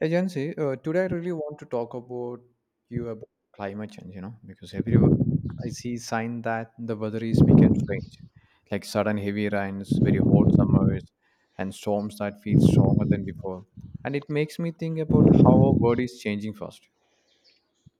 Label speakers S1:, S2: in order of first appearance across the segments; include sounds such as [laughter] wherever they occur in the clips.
S1: Agency, today I really want to talk about you about climate change, because everywhere I see sign that the weather is becoming strange, like sudden heavy rains, very hot summers, and storms that feel stronger than before. And it makes me think about how our world is changing fast.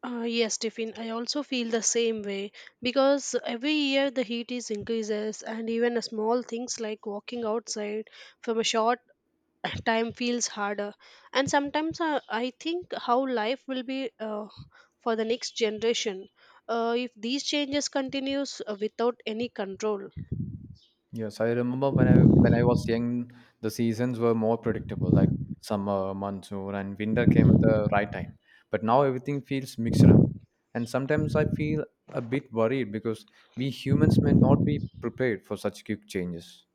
S2: Yes, Tiffin, I also feel the same way because every year the heat is increases and even a small things like walking outside from a short [laughs] [clears throat] time feels harder. And sometimes I think how life will be for the next generation if these changes continues without any control.
S1: Yes, I remember when I was young, the seasons were more predictable, like summer, monsoon, and winter came at the right time. But now everything feels mixed up, and sometimes I feel a bit worried because we humans may not be prepared for such quick changes.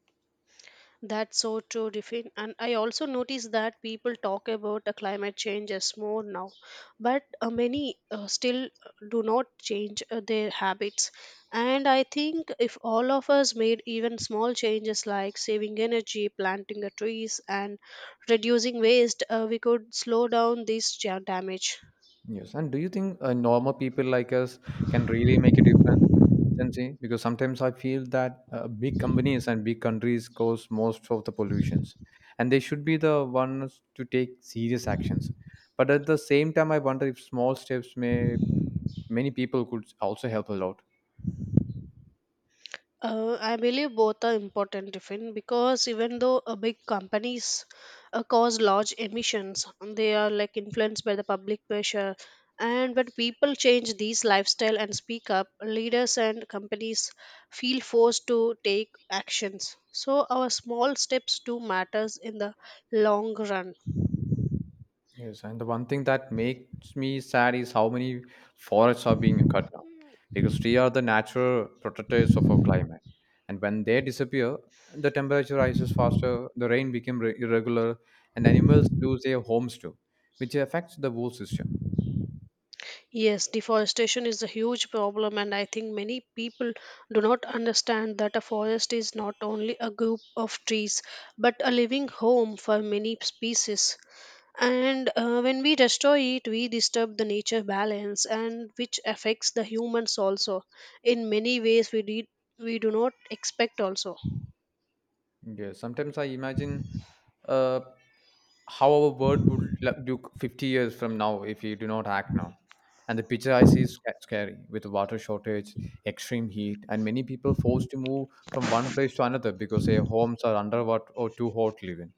S2: That's so true, Riffin. And I also noticed that people talk about climate change as more now, but many still do not change their habits. And I think if all of us made even small changes like saving energy, planting trees, and reducing waste, we could slow down this damage.
S1: Yes, and do you think normal people like us can really make a difference? Consistency, because sometimes I feel that big companies and big countries cause most of the pollutions, and they should be the ones to take serious actions. But at the same time I wonder if small steps may many people could also help a lot.
S2: I believe both are important, Tiffin, because even though big companies cause large emissions, they are like influenced by the public pressure. And when people change these lifestyle and speak up, leaders and companies feel forced to take actions. So our small steps do matters in the long run.
S1: Yes, and the one thing that makes me sad is how many forests are being cut down, because trees are the natural protectors of our climate. And when they disappear, the temperature rises faster, the rain becomes irregular, and animals lose their homes too, which affects the whole system.
S2: Yes, deforestation is a huge problem, and I think many people do not understand that a forest is not only a group of trees but a living home for many species. And when we destroy it, we disturb the nature balance, and which affects the humans also in many ways we do not expect also.
S1: Yes, sometimes I imagine uh, how our world would look 50 years from now if we do not act now. And the picture I see is scary, with water shortage, extreme heat, and many people forced to move from one place to another because their homes are underwater or too hot to live in.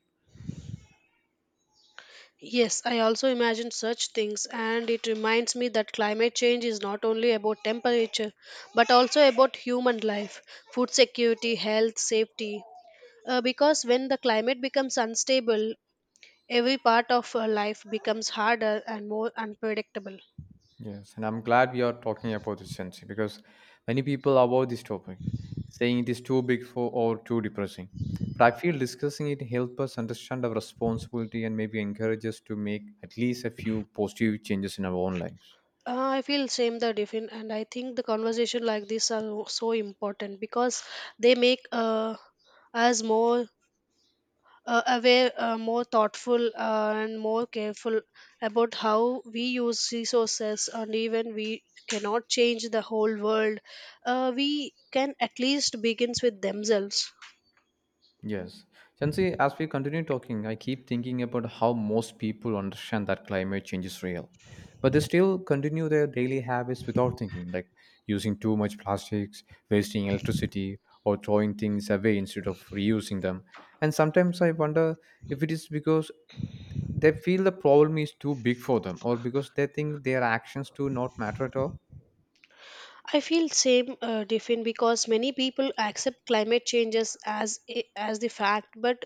S2: Yes, I also imagine such things, and it reminds me that climate change is not only about temperature but also about human life, food security, health, safety. Because when the climate becomes unstable, every part of life becomes harder and more unpredictable.
S1: Yes, and I'm glad we are talking about this, Sensi, because many people avoid this topic, saying it is too big for or too depressing. But I feel discussing it helps us understand our responsibility and maybe encourage us to make at least a few positive changes in our own lives.
S2: I feel same the different, and I think the conversation like this are so important because they make us more aware, more thoughtful, and more careful about how we use resources, and even we cannot change the whole world, we can at least begins with themselves.
S1: Yes. Chansi, as we continue talking, I keep thinking about how most people understand that climate change is real. But they still continue their daily habits without thinking, like using too much plastics, wasting electricity, or throwing things away instead of reusing them. And sometimes I wonder if it is because they feel the problem is too big for them, or because they think their actions do not matter at all.
S2: I feel same, Diffin, because many people accept climate changes as the fact, but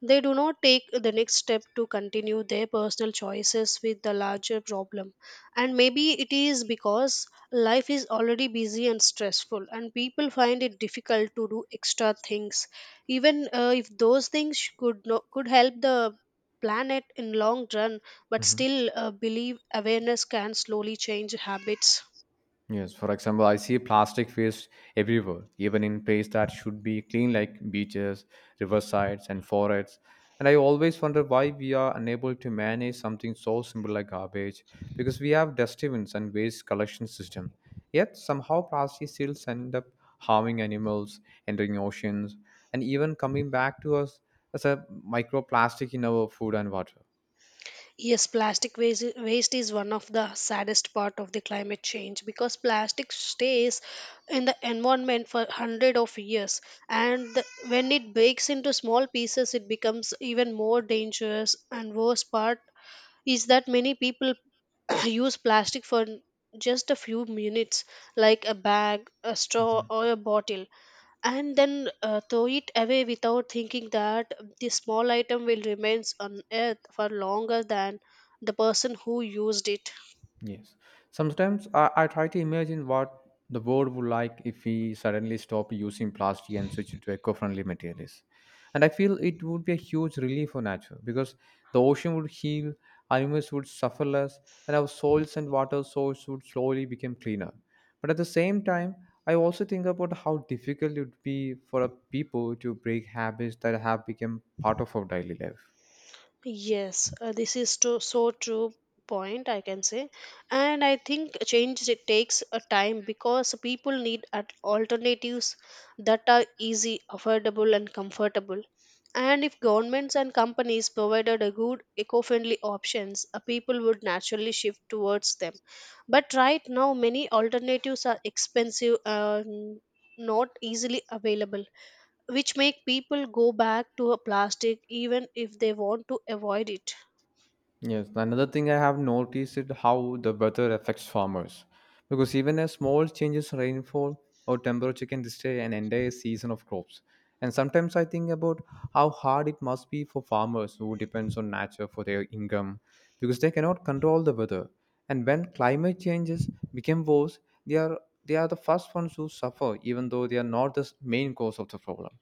S2: they do not take the next step to continue their personal choices with the larger problem. And maybe it is because life is already busy and stressful, and people find it difficult to do extra things, even if those things could no, could help the planet in long run. But still, believe awareness can slowly change habits.
S1: Yes, for example, I see plastic waste everywhere, even in places that should be clean, like beaches, riversides, and forests. And I always wonder why we are unable to manage something so simple like garbage, because we have dustbins and waste collection system. Yet somehow plastic still end up harming animals, entering oceans, and even coming back to us as a microplastic in our food and water.
S2: Yes, waste is one of the saddest part of the climate change because plastic stays in the environment for hundred of years, and when it breaks into small pieces, it becomes even more dangerous. And worst part is that many people [clears throat] use plastic for just a few minutes, like a bag, a straw, or a bottle and then throw it away without thinking that the small item will remains on earth for longer than the person who used it.
S1: Yes. Sometimes I try to imagine what the world would like if we suddenly stop using plastic and switch to eco-friendly materials. And I feel it would be a huge relief for nature because the ocean would heal, animals would suffer less, and our soils and water source would slowly become cleaner. But at the same time, I also think about how difficult it would be for a people to break habits that have become part of our daily life.
S2: Yes, this is so true point I can say, and I think change it takes a time because people need at alternatives that are easy, affordable, and comfortable. And if governments and companies provided a good eco-friendly options, people would naturally shift towards them. But right now, many alternatives are expensive and not easily available which make people go back to a plastic even if they want to avoid it.
S1: Yes, another thing I have noticed is how the weather affects farmers. Because even a small changes in rainfall or temperature can destroy an entire season of crops. And sometimes I think about how hard it must be for farmers who depends on nature for their income, because they cannot control the weather. And when climate changes become worse, they are the first ones who suffer, even though they are not the main cause of the problem.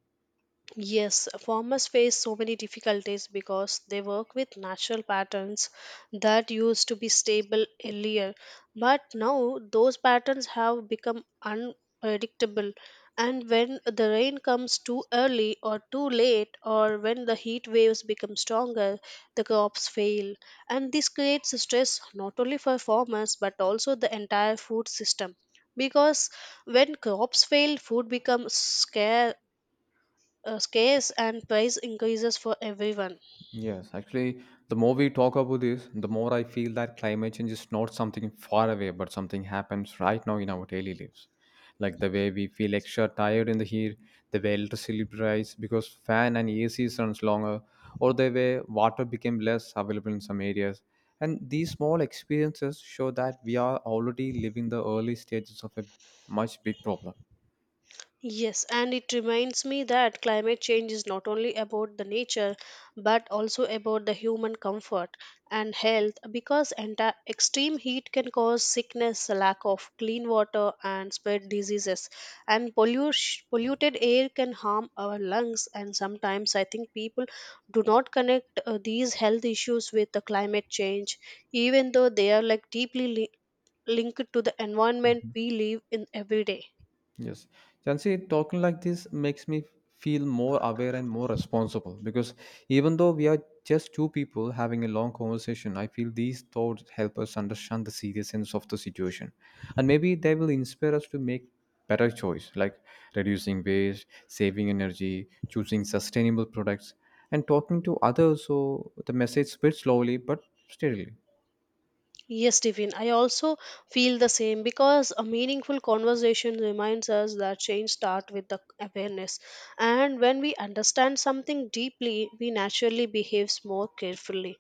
S2: Yes, farmers face so many difficulties because they work with natural patterns that used to be stable earlier. But now those patterns have become unpredictable. And when the rain comes too early or too late, or when the heat waves become stronger, the crops fail. And this creates stress not only for farmers but also the entire food system. Because when crops fail, food becomes scarce and price increases for everyone.
S1: Yes, actually, the more we talk about this, the more I feel that climate change is not something far away, but something happens right now in our daily lives. Like the way we feel extra tired in the heat, the way electricity price because fan and AC runs longer, or the way water became less available in some areas. And these small experiences show that we are already living the early stages of a much big problem.
S2: Yes, and it reminds me that climate change is not only about the nature but also about the human comfort and health because extreme heat can cause sickness, lack of clean water, and spread diseases. And polluted air can harm our lungs. And sometimes I think people do not connect these health issues with the climate change, even though they are like deeply linked to the environment we live in every day.
S1: Yes. Jansi, talking like this makes me feel more aware and more responsible, because even though we are just two people having a long conversation, I feel these thoughts help us understand the seriousness of the situation. And maybe they will inspire us to make better choice, like reducing waste, saving energy, choosing sustainable products, and talking to others so the message spreads slowly but steadily.
S2: Yes, Stephen, I also feel the same because a meaningful conversation reminds us that change starts with the awareness. And when we understand something deeply, we naturally behave more carefully.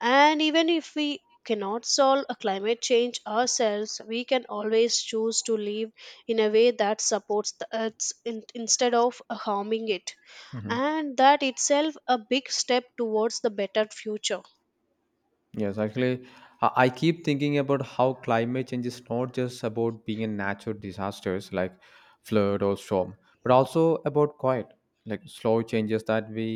S2: And even if we cannot solve a climate change ourselves, we can always choose to live in a way that supports the earth instead of harming it. And that itself a big step towards the better future.
S1: Yes, actually, I keep thinking about how climate change is not just about being in natural disasters like flood or storm, but also about quiet, like slow changes that we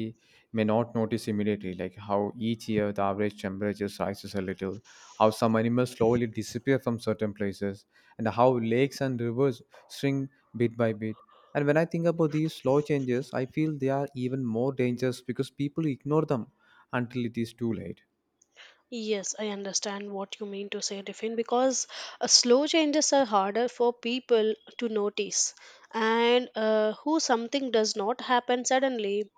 S1: may not notice immediately, like how each year the average temperature rises a little, how some animals slowly disappear from certain places, and how lakes and rivers shrink bit by bit. And when I think about these slow changes, I feel they are even more dangerous because people ignore them until it is too late.
S2: Yes, I understand what you mean to say, Tiffin, because slow changes are harder for people to notice. And who something does not happen suddenly,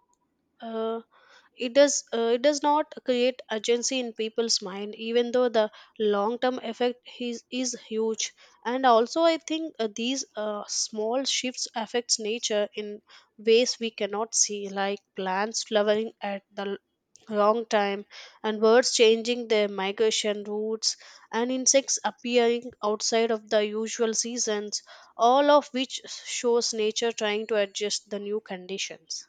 S2: uh, it does not create urgency in people's mind, even though the long term effect is huge. And also, I think these small shifts affects nature in ways we cannot see, like plants flowering at the long time and birds changing their migration routes and insects appearing outside of the usual seasons all of which shows nature trying to adjust the new conditions.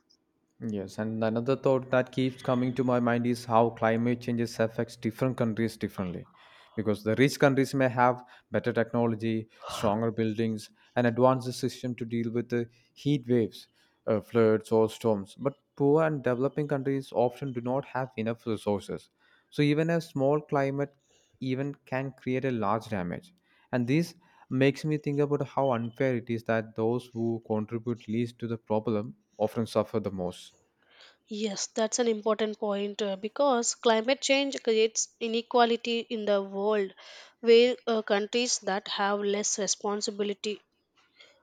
S1: Yes, and another thought that keeps coming to my mind is how climate changes affects different countries differently. Because the rich countries may have better technology, stronger buildings, and advanced system to deal with the heat waves, floods, or storms. But poor and developing countries often do not have enough resources. So even a small climate event can create a large damage. And this makes me think about how unfair it is that those who contribute least to the problem often suffer the most.
S2: Yes, that's an important point, because climate change creates inequality in the world where countries that have less responsibility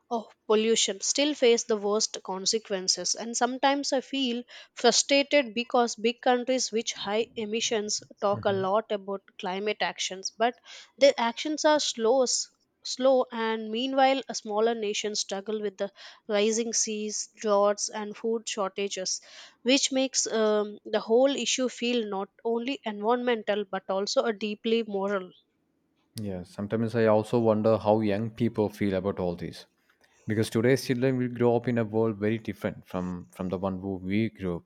S2: of pollution still face the worst consequences, and sometimes I feel frustrated because big countries with high emissions talk a lot about climate actions, but their actions are slow, and meanwhile, a smaller nation struggle with the rising seas, droughts, and food shortages, which makes the whole issue feel not only environmental but also a deeply moral.
S1: Yeah, sometimes I also wonder how young people feel about all this. Because today's children will grow up in a world very different from the one who we grew up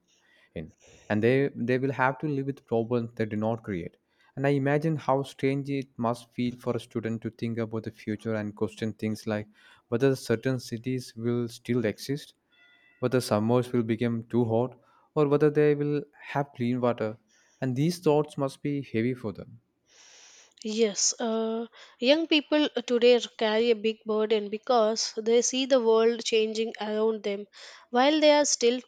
S1: in. And they will have to live with problems they did not create. And I imagine how strange it must feel for a student to think about the future and question things like whether certain cities will still exist, whether summers will become too hot, or whether they will have clean water. And these thoughts must be heavy for them.
S2: Yes, young people today carry a big burden because they see the world changing around them while they are still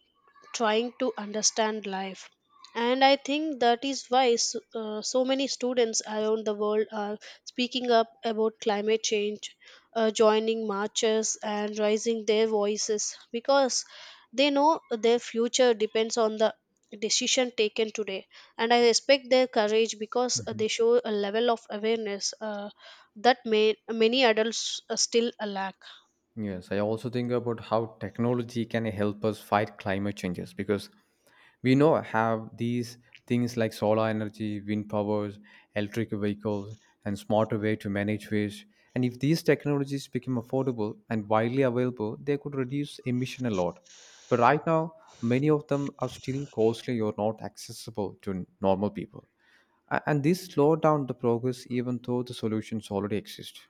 S2: trying to understand life and I think that is why so many students around the world are speaking up about climate change, joining marches and raising their voices because they know their future depends on the decision taken today and I respect their courage because they show a level of awareness that many adults still lack.
S1: Yes, I also think about how technology can help us fight climate changes, because we know have these things like solar energy, wind powers, electric vehicles, and smarter way to manage waste. And if these technologies become affordable and widely available, they could reduce emission a lot. But right now, many of them are still costly or not accessible to normal people. And this slow down the progress even though the solutions already exist.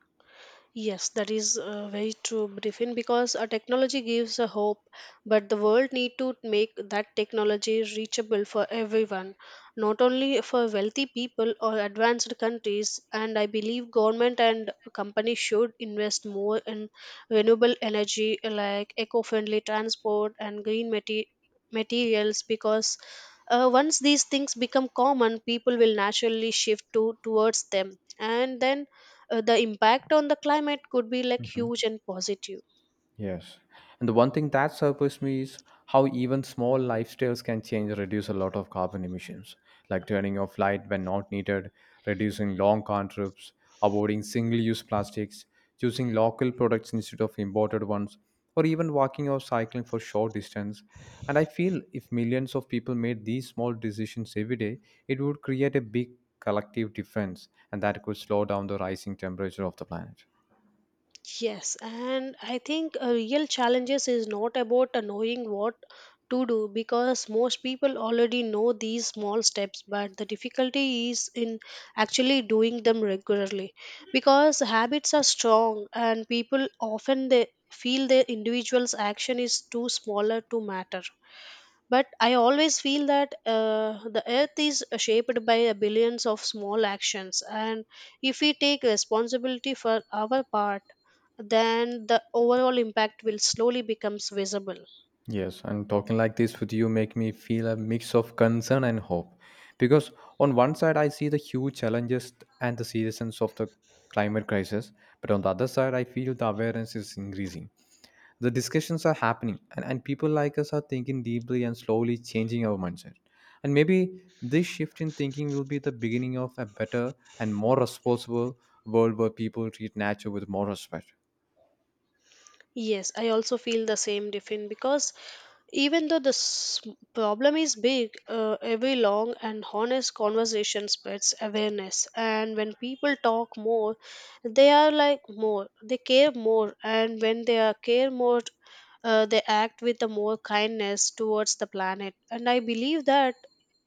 S2: Yes, that is very true, Briefin, because a technology gives a hope, but the world need to make that technology reachable for everyone, not only for wealthy people or advanced countries. And I believe government and companies should invest more in renewable energy like eco-friendly transport and green materials because once these things become common, people will naturally shift to towards them. And then the impact on the climate could be like huge and positive.
S1: Yes. And the one thing that surprised me is how even small lifestyles can change reduce a lot of carbon emissions, like turning off light when not needed, reducing long car trips, avoiding single-use plastics, choosing local products instead of imported ones, or even walking or cycling for short distance. And I feel if millions of people made these small decisions every day, it would create a big collective difference, and that could slow down the rising temperature of the planet.
S2: Yes, and I think real challenges is not about knowing what to do because most people already know these small steps but the difficulty is in actually doing them regularly because habits are strong and people often they feel their individual's action is too smaller to matter. But I always feel that the earth is shaped by a billions of small actions, and if we take responsibility for our part, then the overall impact will slowly becomes visible.
S1: Yes, and talking like this with you make me feel a mix of concern and hope. Because on one side, I see the huge challenges and the seriousness of the climate crisis, but on the other side, I feel the awareness is increasing. The discussions are happening, and people like us are thinking deeply and slowly changing our mindset. And maybe this shift in thinking will be the beginning of a better and more responsible world where people treat nature with more respect.
S2: Yes, I also feel the same, Diffin, because even though this problem is big, every long and honest conversation spreads awareness. And when people talk more, they are like more, they care more. And when they are care more, they act with the more kindness towards the planet. And I believe that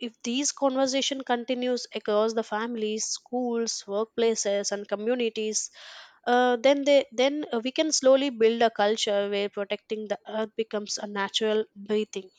S2: if these conversation continues across the families, schools, workplaces, and communities, then they then we can slowly build a culture where protecting the earth becomes a natural breathing.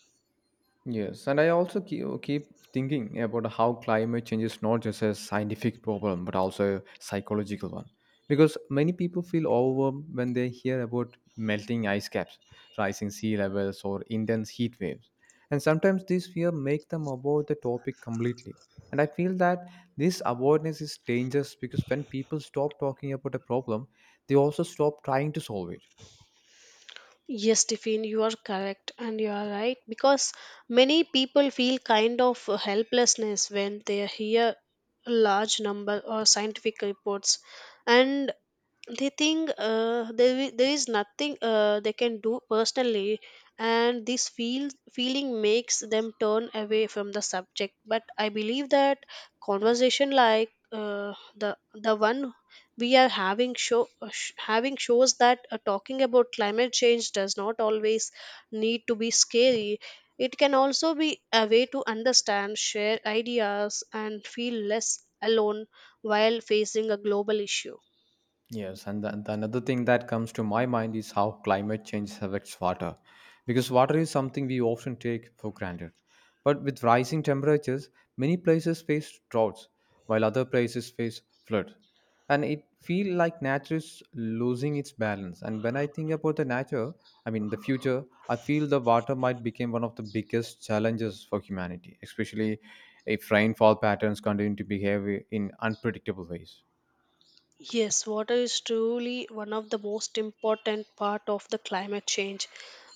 S1: Yes, and I also keep thinking about how climate change is not just a scientific problem but also a psychological one. Because many people feel overwhelmed when they hear about melting ice caps, rising sea levels, or intense heat waves. And sometimes these fear make them avoid the topic completely. And I feel that this avoidance is dangerous, because when people stop talking about a problem, they also stop trying to solve it.
S2: Yes, Tiffin, you are correct and you are right because many people feel kind of helplessness when they hear a large number or scientific reports and they think there is nothing they can do personally and this feeling makes them turn away from the subject but I believe that conversation like the one we are having having shows that talking about climate change does not always need to be scary. It can also be a way to understand share ideas and feel less alone while facing a global issue.
S1: Yes, and the another thing that comes to my mind is how climate change affects water, because water is something we often take for granted. But with rising temperatures, many places face droughts, while other places face flood, and it feels like nature is losing its balance. And when I think about the nature, I mean the future, I feel the water might become one of the biggest challenges for humanity, especially if rainfall patterns continue to behave in unpredictable ways.
S2: Yes, water is truly one of the most important part of the climate change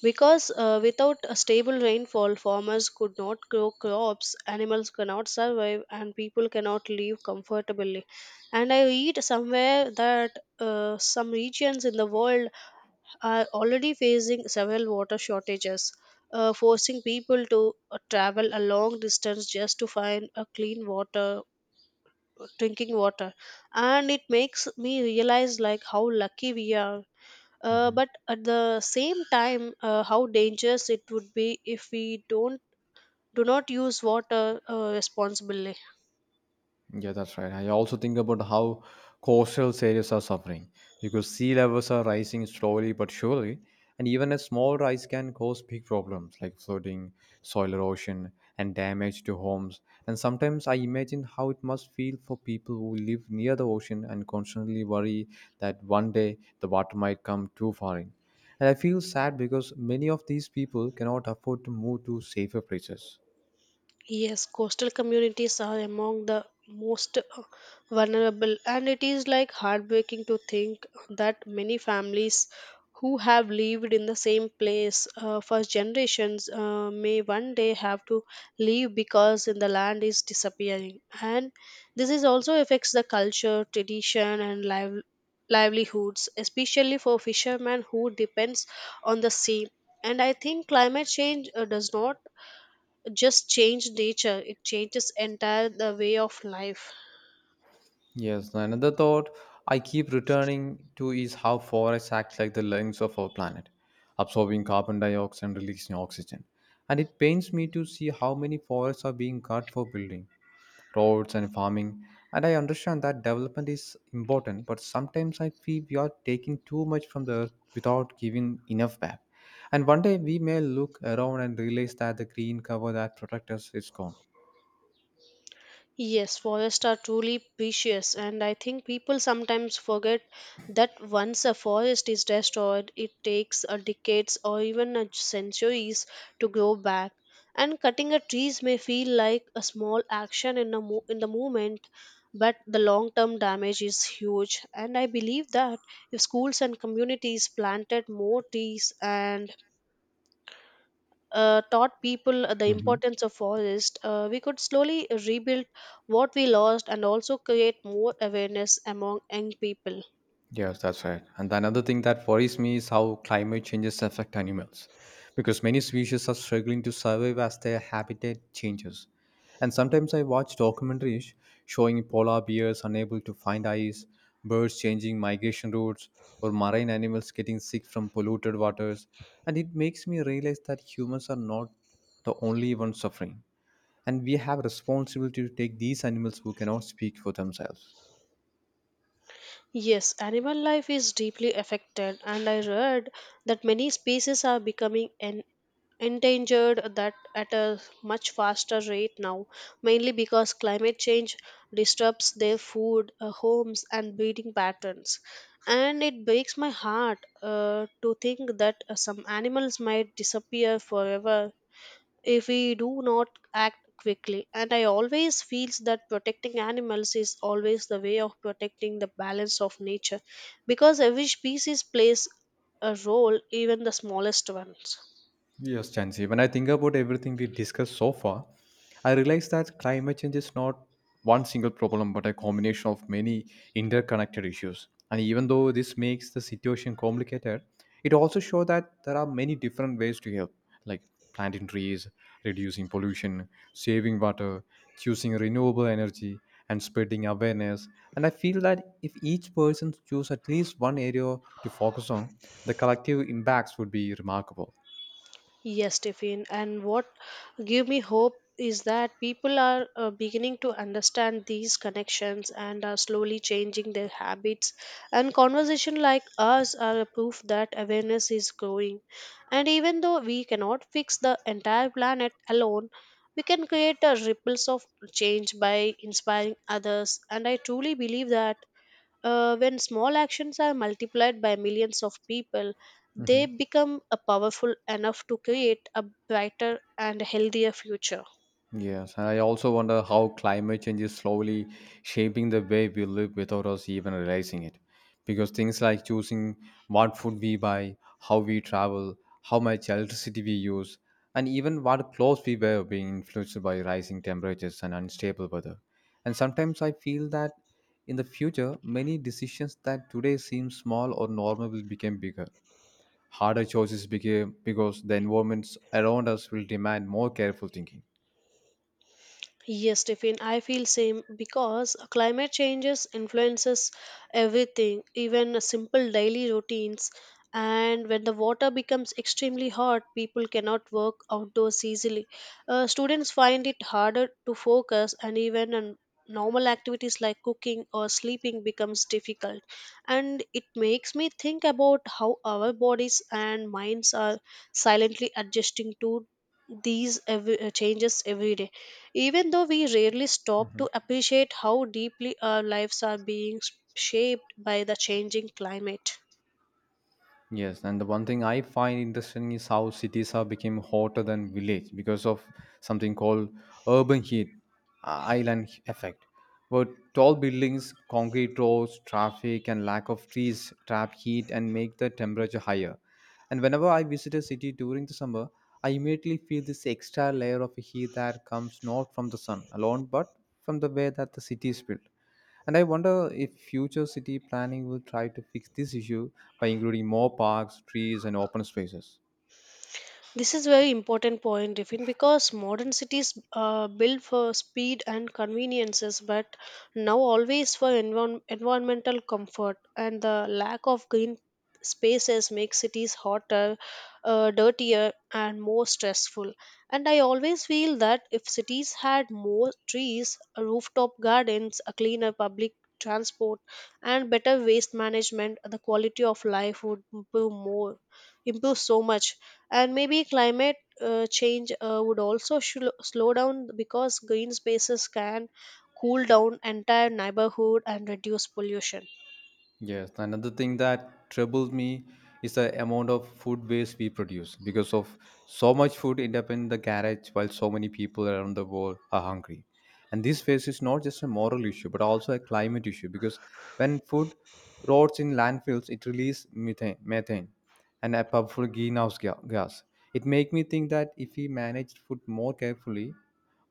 S2: because without a stable rainfall farmers could not grow crops, animals cannot survive and people cannot live comfortably. And I read somewhere that some regions in the world are already facing several water shortages. Forcing people to travel a long distance just to find a clean water, drinking water. And it makes me realize like how lucky we are, but at the same time, how dangerous it would be if we don't do not use water responsibly.
S1: Yeah, that's right. I also think about how coastal areas are suffering because sea levels are rising slowly but surely, and even a small rise can cause big problems like flooding, soil erosion, and damage to homes. And sometimes I imagine how it must feel for people who live near the ocean and constantly worry that one day the water might come too far in. And I feel sad because many of these people cannot afford to move to safer places.
S2: Yes, coastal communities are among the most vulnerable, and it is like heartbreaking to think that many families who have lived in the same place for generations may one day have to leave because the land is disappearing. And this is also affects the culture, tradition, and livelihoods, especially for fishermen who depends on the sea. And I think climate change does not just change nature, it changes entire the way of life.
S1: Yes, no, another thought I keep returning to is how forests act like the lungs of our planet, absorbing carbon dioxide and releasing oxygen. And it pains me to see how many forests are being cut for building, roads, and farming. And I understand that development is important, but sometimes I feel we are taking too much from the earth without giving enough back. And one day we may look around and realize that the green cover that protects us is gone.
S2: Yes, forests are truly precious, and I think people sometimes forget that once a forest is destroyed, it takes a decades or even a centuries to grow back. And cutting a trees may feel like a small action in the in the moment, but the long term damage is huge. And I believe that if schools and communities planted more trees and taught people the importance of forest, we could slowly rebuild what we lost and also create more awareness among young people.
S1: Yes, that's right. And another thing that worries me is how climate changes affect animals, because many species are struggling to survive as their habitat changes. And sometimes I watch documentaries showing polar bears unable to find ice, birds changing migration routes, or marine animals getting sick from polluted waters. And it makes me realize that humans are not the only ones suffering. And we have responsibility to take these animals who cannot speak for themselves.
S2: Yes, animal life is deeply affected, and I read that many species are becoming endangered that at a much faster rate now, mainly because climate change disrupts their food, homes and breeding patterns. And it breaks my heart to think that some animals might disappear forever if we do not act quickly. And I always feels that protecting animals is always the way of protecting the balance of nature because every species plays a role, even the smallest ones.
S1: Yes, Chansi. When I think about everything we discussed so far, I realize that climate change is not one single problem, but a combination of many interconnected issues. And even though this makes the situation complicated, it also shows that there are many different ways to help, like planting trees, reducing pollution, saving water, choosing renewable energy, and spreading awareness. And I feel that if each person chooses at least one area to focus on, the collective impacts would be remarkable.
S2: Yes, Tiffin. And what give me hope is that people are beginning to understand these connections and are slowly changing their habits. And conversation like ours are a proof that awareness is growing. And even though we cannot fix the entire planet alone, we can create a ripples of change by inspiring others. And I truly believe that when small actions are multiplied by millions of people, they
S1: Mhm.
S2: become a powerful enough to create a brighter and healthier future.
S1: Yes, and I also wonder how climate change is slowly shaping the way we live without us even realizing it. Because things like choosing what food we buy, how we travel, how much electricity we use, and even what clothes we wear are being influenced by rising temperatures and unstable weather. And sometimes I feel that in the future, many decisions that today seem small or normal will become bigger. Harder choices became because the environments around us will demand more careful thinking.
S2: Yes, Tiffin, I feel same because climate changes influences everything, even simple daily routines. And when the water becomes extremely hot, people cannot work outdoors easily. Students find it harder to focus, and even on normal activities like cooking or sleeping becomes difficult. And it makes me think about how our bodies and minds are silently adjusting to these every, changes every day, even though we rarely stop to appreciate how deeply our lives are being shaped by the changing climate.
S1: Yes, and the one thing I find interesting is how cities have become hotter than village because of something called urban heat, island effect. But tall buildings, concrete roads, traffic, and lack of trees trap heat and make the temperature higher. And whenever I visit a city during the summer, I immediately feel this extra layer of heat that comes not from the sun alone, but from the way that the city is built. And I wonder if future city planning will try to fix this issue by including more parks, trees, and open spaces.
S2: This is very important point, Riffin, because modern cities build for speed and conveniences, but now always for environmental comfort. And the lack of green spaces makes cities hotter, dirtier, and more stressful. And I always feel that if cities had more trees, rooftop gardens, a cleaner public transport, and better waste management, the quality of life would improve so much. And maybe climate change would also slow down because green spaces can cool down entire neighborhood and reduce pollution.
S1: Yes, another thing that troubles me is the amount of food waste we produce because of so much food end up in the garage while so many people around the world are hungry. And this waste is not just a moral issue but also a climate issue because when food rots in landfills, it releases methane, methane and a powerful gas. It makes me think that if we manage food more carefully,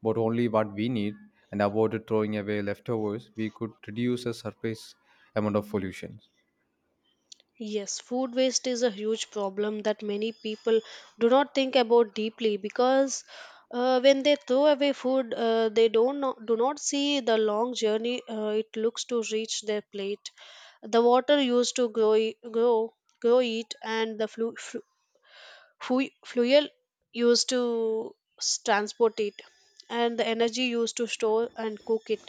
S1: but only what we need, and avoided throwing away leftovers, we could reduce a surface amount of pollution.
S2: Yes, food waste is a huge problem that many people do not think about deeply because when they throw away food they don't know, do not see the long journey it looks to reach their plate, the water used to grow I- grow grow it, and the fuel used to transport it, and the energy used to store and cook it.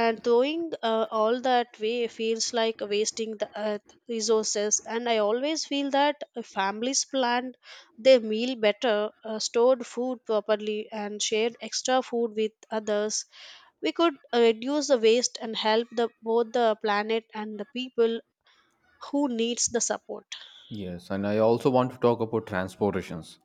S2: And throwing all that way feels like wasting the earth resources. And I always feel that families planned their meal better, stored food properly and shared extra food with others, we could reduce the waste and help the both the planet and the people who needs the support.
S1: Yes, and I also want to talk about transportations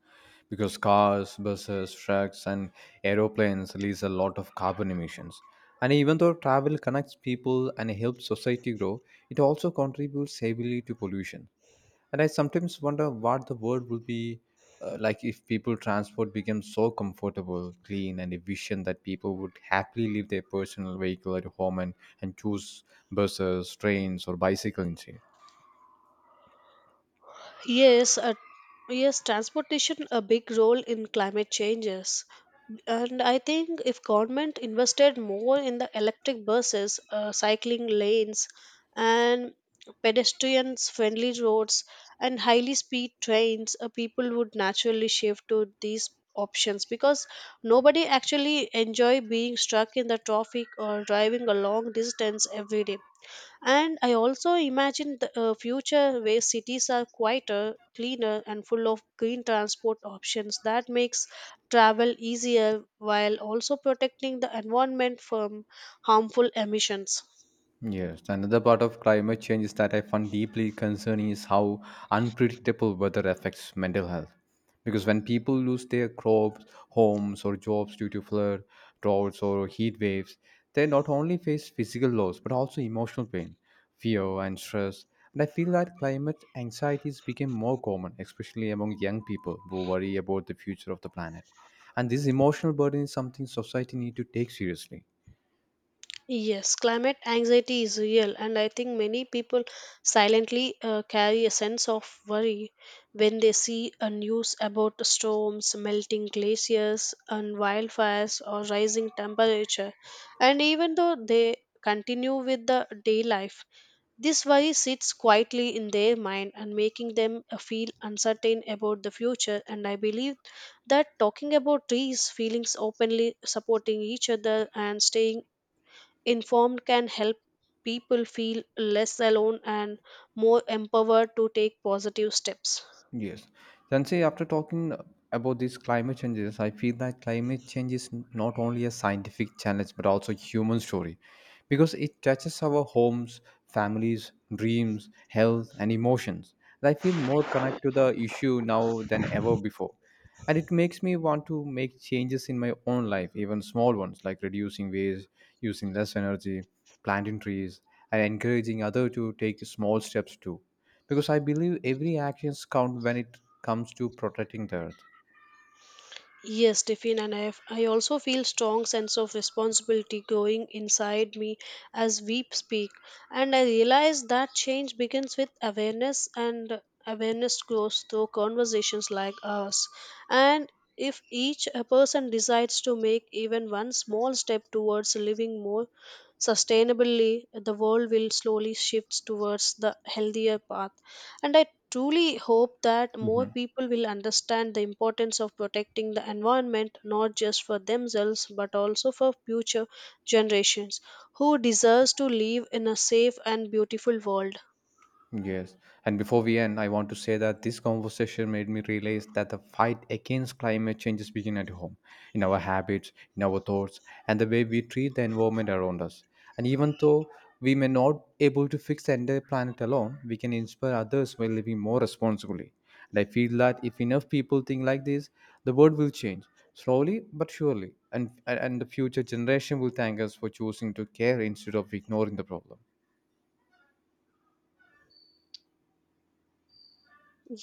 S1: because cars, buses, trucks, and aeroplanes release a lot of carbon emissions. And even though travel connects people and helps society grow, it also contributes heavily to pollution. And I sometimes wonder what the world will be like if people transport becomes so comfortable, clean, and efficient that people would happily leave their personal vehicle at home and choose buses, trains, or bicycle instead.
S2: Yes, uh, yes, transportation a big role in climate changes. And I think if government invested more in the electric buses, cycling lanes, and pedestrians friendly roads and highly speed trains, people would naturally shift to these options because nobody actually enjoy being stuck in the traffic or driving a long distance every day. And I also imagine the future where cities are quieter, cleaner, and full of green transport options that makes travel easier while also protecting the environment from harmful emissions.
S1: Yes, another part of climate change is that I find deeply concerning is how unpredictable weather affects mental health. Because when people lose their crops, homes, or jobs due to flood, droughts, or heat waves, they not only face physical loss but also emotional pain, fear, and stress. And I feel that climate anxieties became more common, especially among young people who worry about the future of the planet. And this emotional burden is something society need to take seriously.
S2: Yes, climate anxiety is real, and I think many people silently carry a sense of worry when they see a news about storms, melting glaciers, and wildfires, or rising temperature. And even though they continue with the day life, this worry sits quietly in their mind and making them feel uncertain about the future. And I believe that talking about these feelings openly, supporting each other, and staying informed can help people feel less alone and more empowered to take positive steps.
S1: Yes. Sensei, after talking about these climate changes, I feel that climate change is not only a scientific challenge but also a human story because it touches our homes, families, dreams, health, and emotions. And I feel more connected to the issue now than ever before. And it makes me want to make changes in my own life, even small ones like reducing waste, using less energy, planting trees, and encouraging others to take small steps too because I believe every actions count when it comes to protecting the earth.
S2: Yes, Tiffin, and I also feel strong sense of responsibility growing inside me as we speak, and I realize that change begins with awareness, and awareness grows through conversations like ours. And if each a person decides to make even one small step towards living more sustainably, the world will slowly shift towards the healthier path. And I truly hope that more
S1: Mhm.
S2: people will understand the importance of protecting the environment not just for themselves but also for future generations who deserves to live in a safe and beautiful world.
S1: Yes. And before we end, I want to say that this conversation made me realize that the fight against climate change is beginning at home, in our habits, in our thoughts, and the way we treat the environment around us. And even though we may not able to fix the entire planet alone, we can inspire others by living more responsibly. And I feel that if enough people think like this, the world will change slowly but surely, and the future generation will thank us for choosing to care instead of ignoring the problem.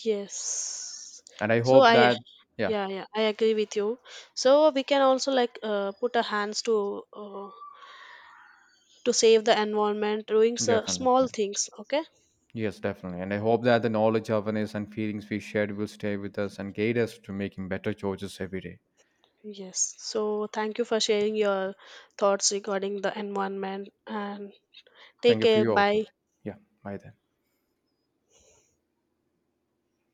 S2: Yes.
S1: And I
S2: So
S1: hope
S2: I
S1: that yeah.
S2: Yeah, yeah, I agree with you. So we can also like put our hands uh, to save the environment doing so small
S1: Definitely.
S2: things, okay?
S1: Yes, definitely. And I hope that the knowledge, awareness, and feelings we shared will stay with us and guide us to making better choices every day.
S2: Yes. So thank you for sharing your thoughts regarding the environment, and
S1: Thank
S2: take
S1: you for
S2: care.
S1: you also.
S2: Bye.
S1: Yeah, bye then.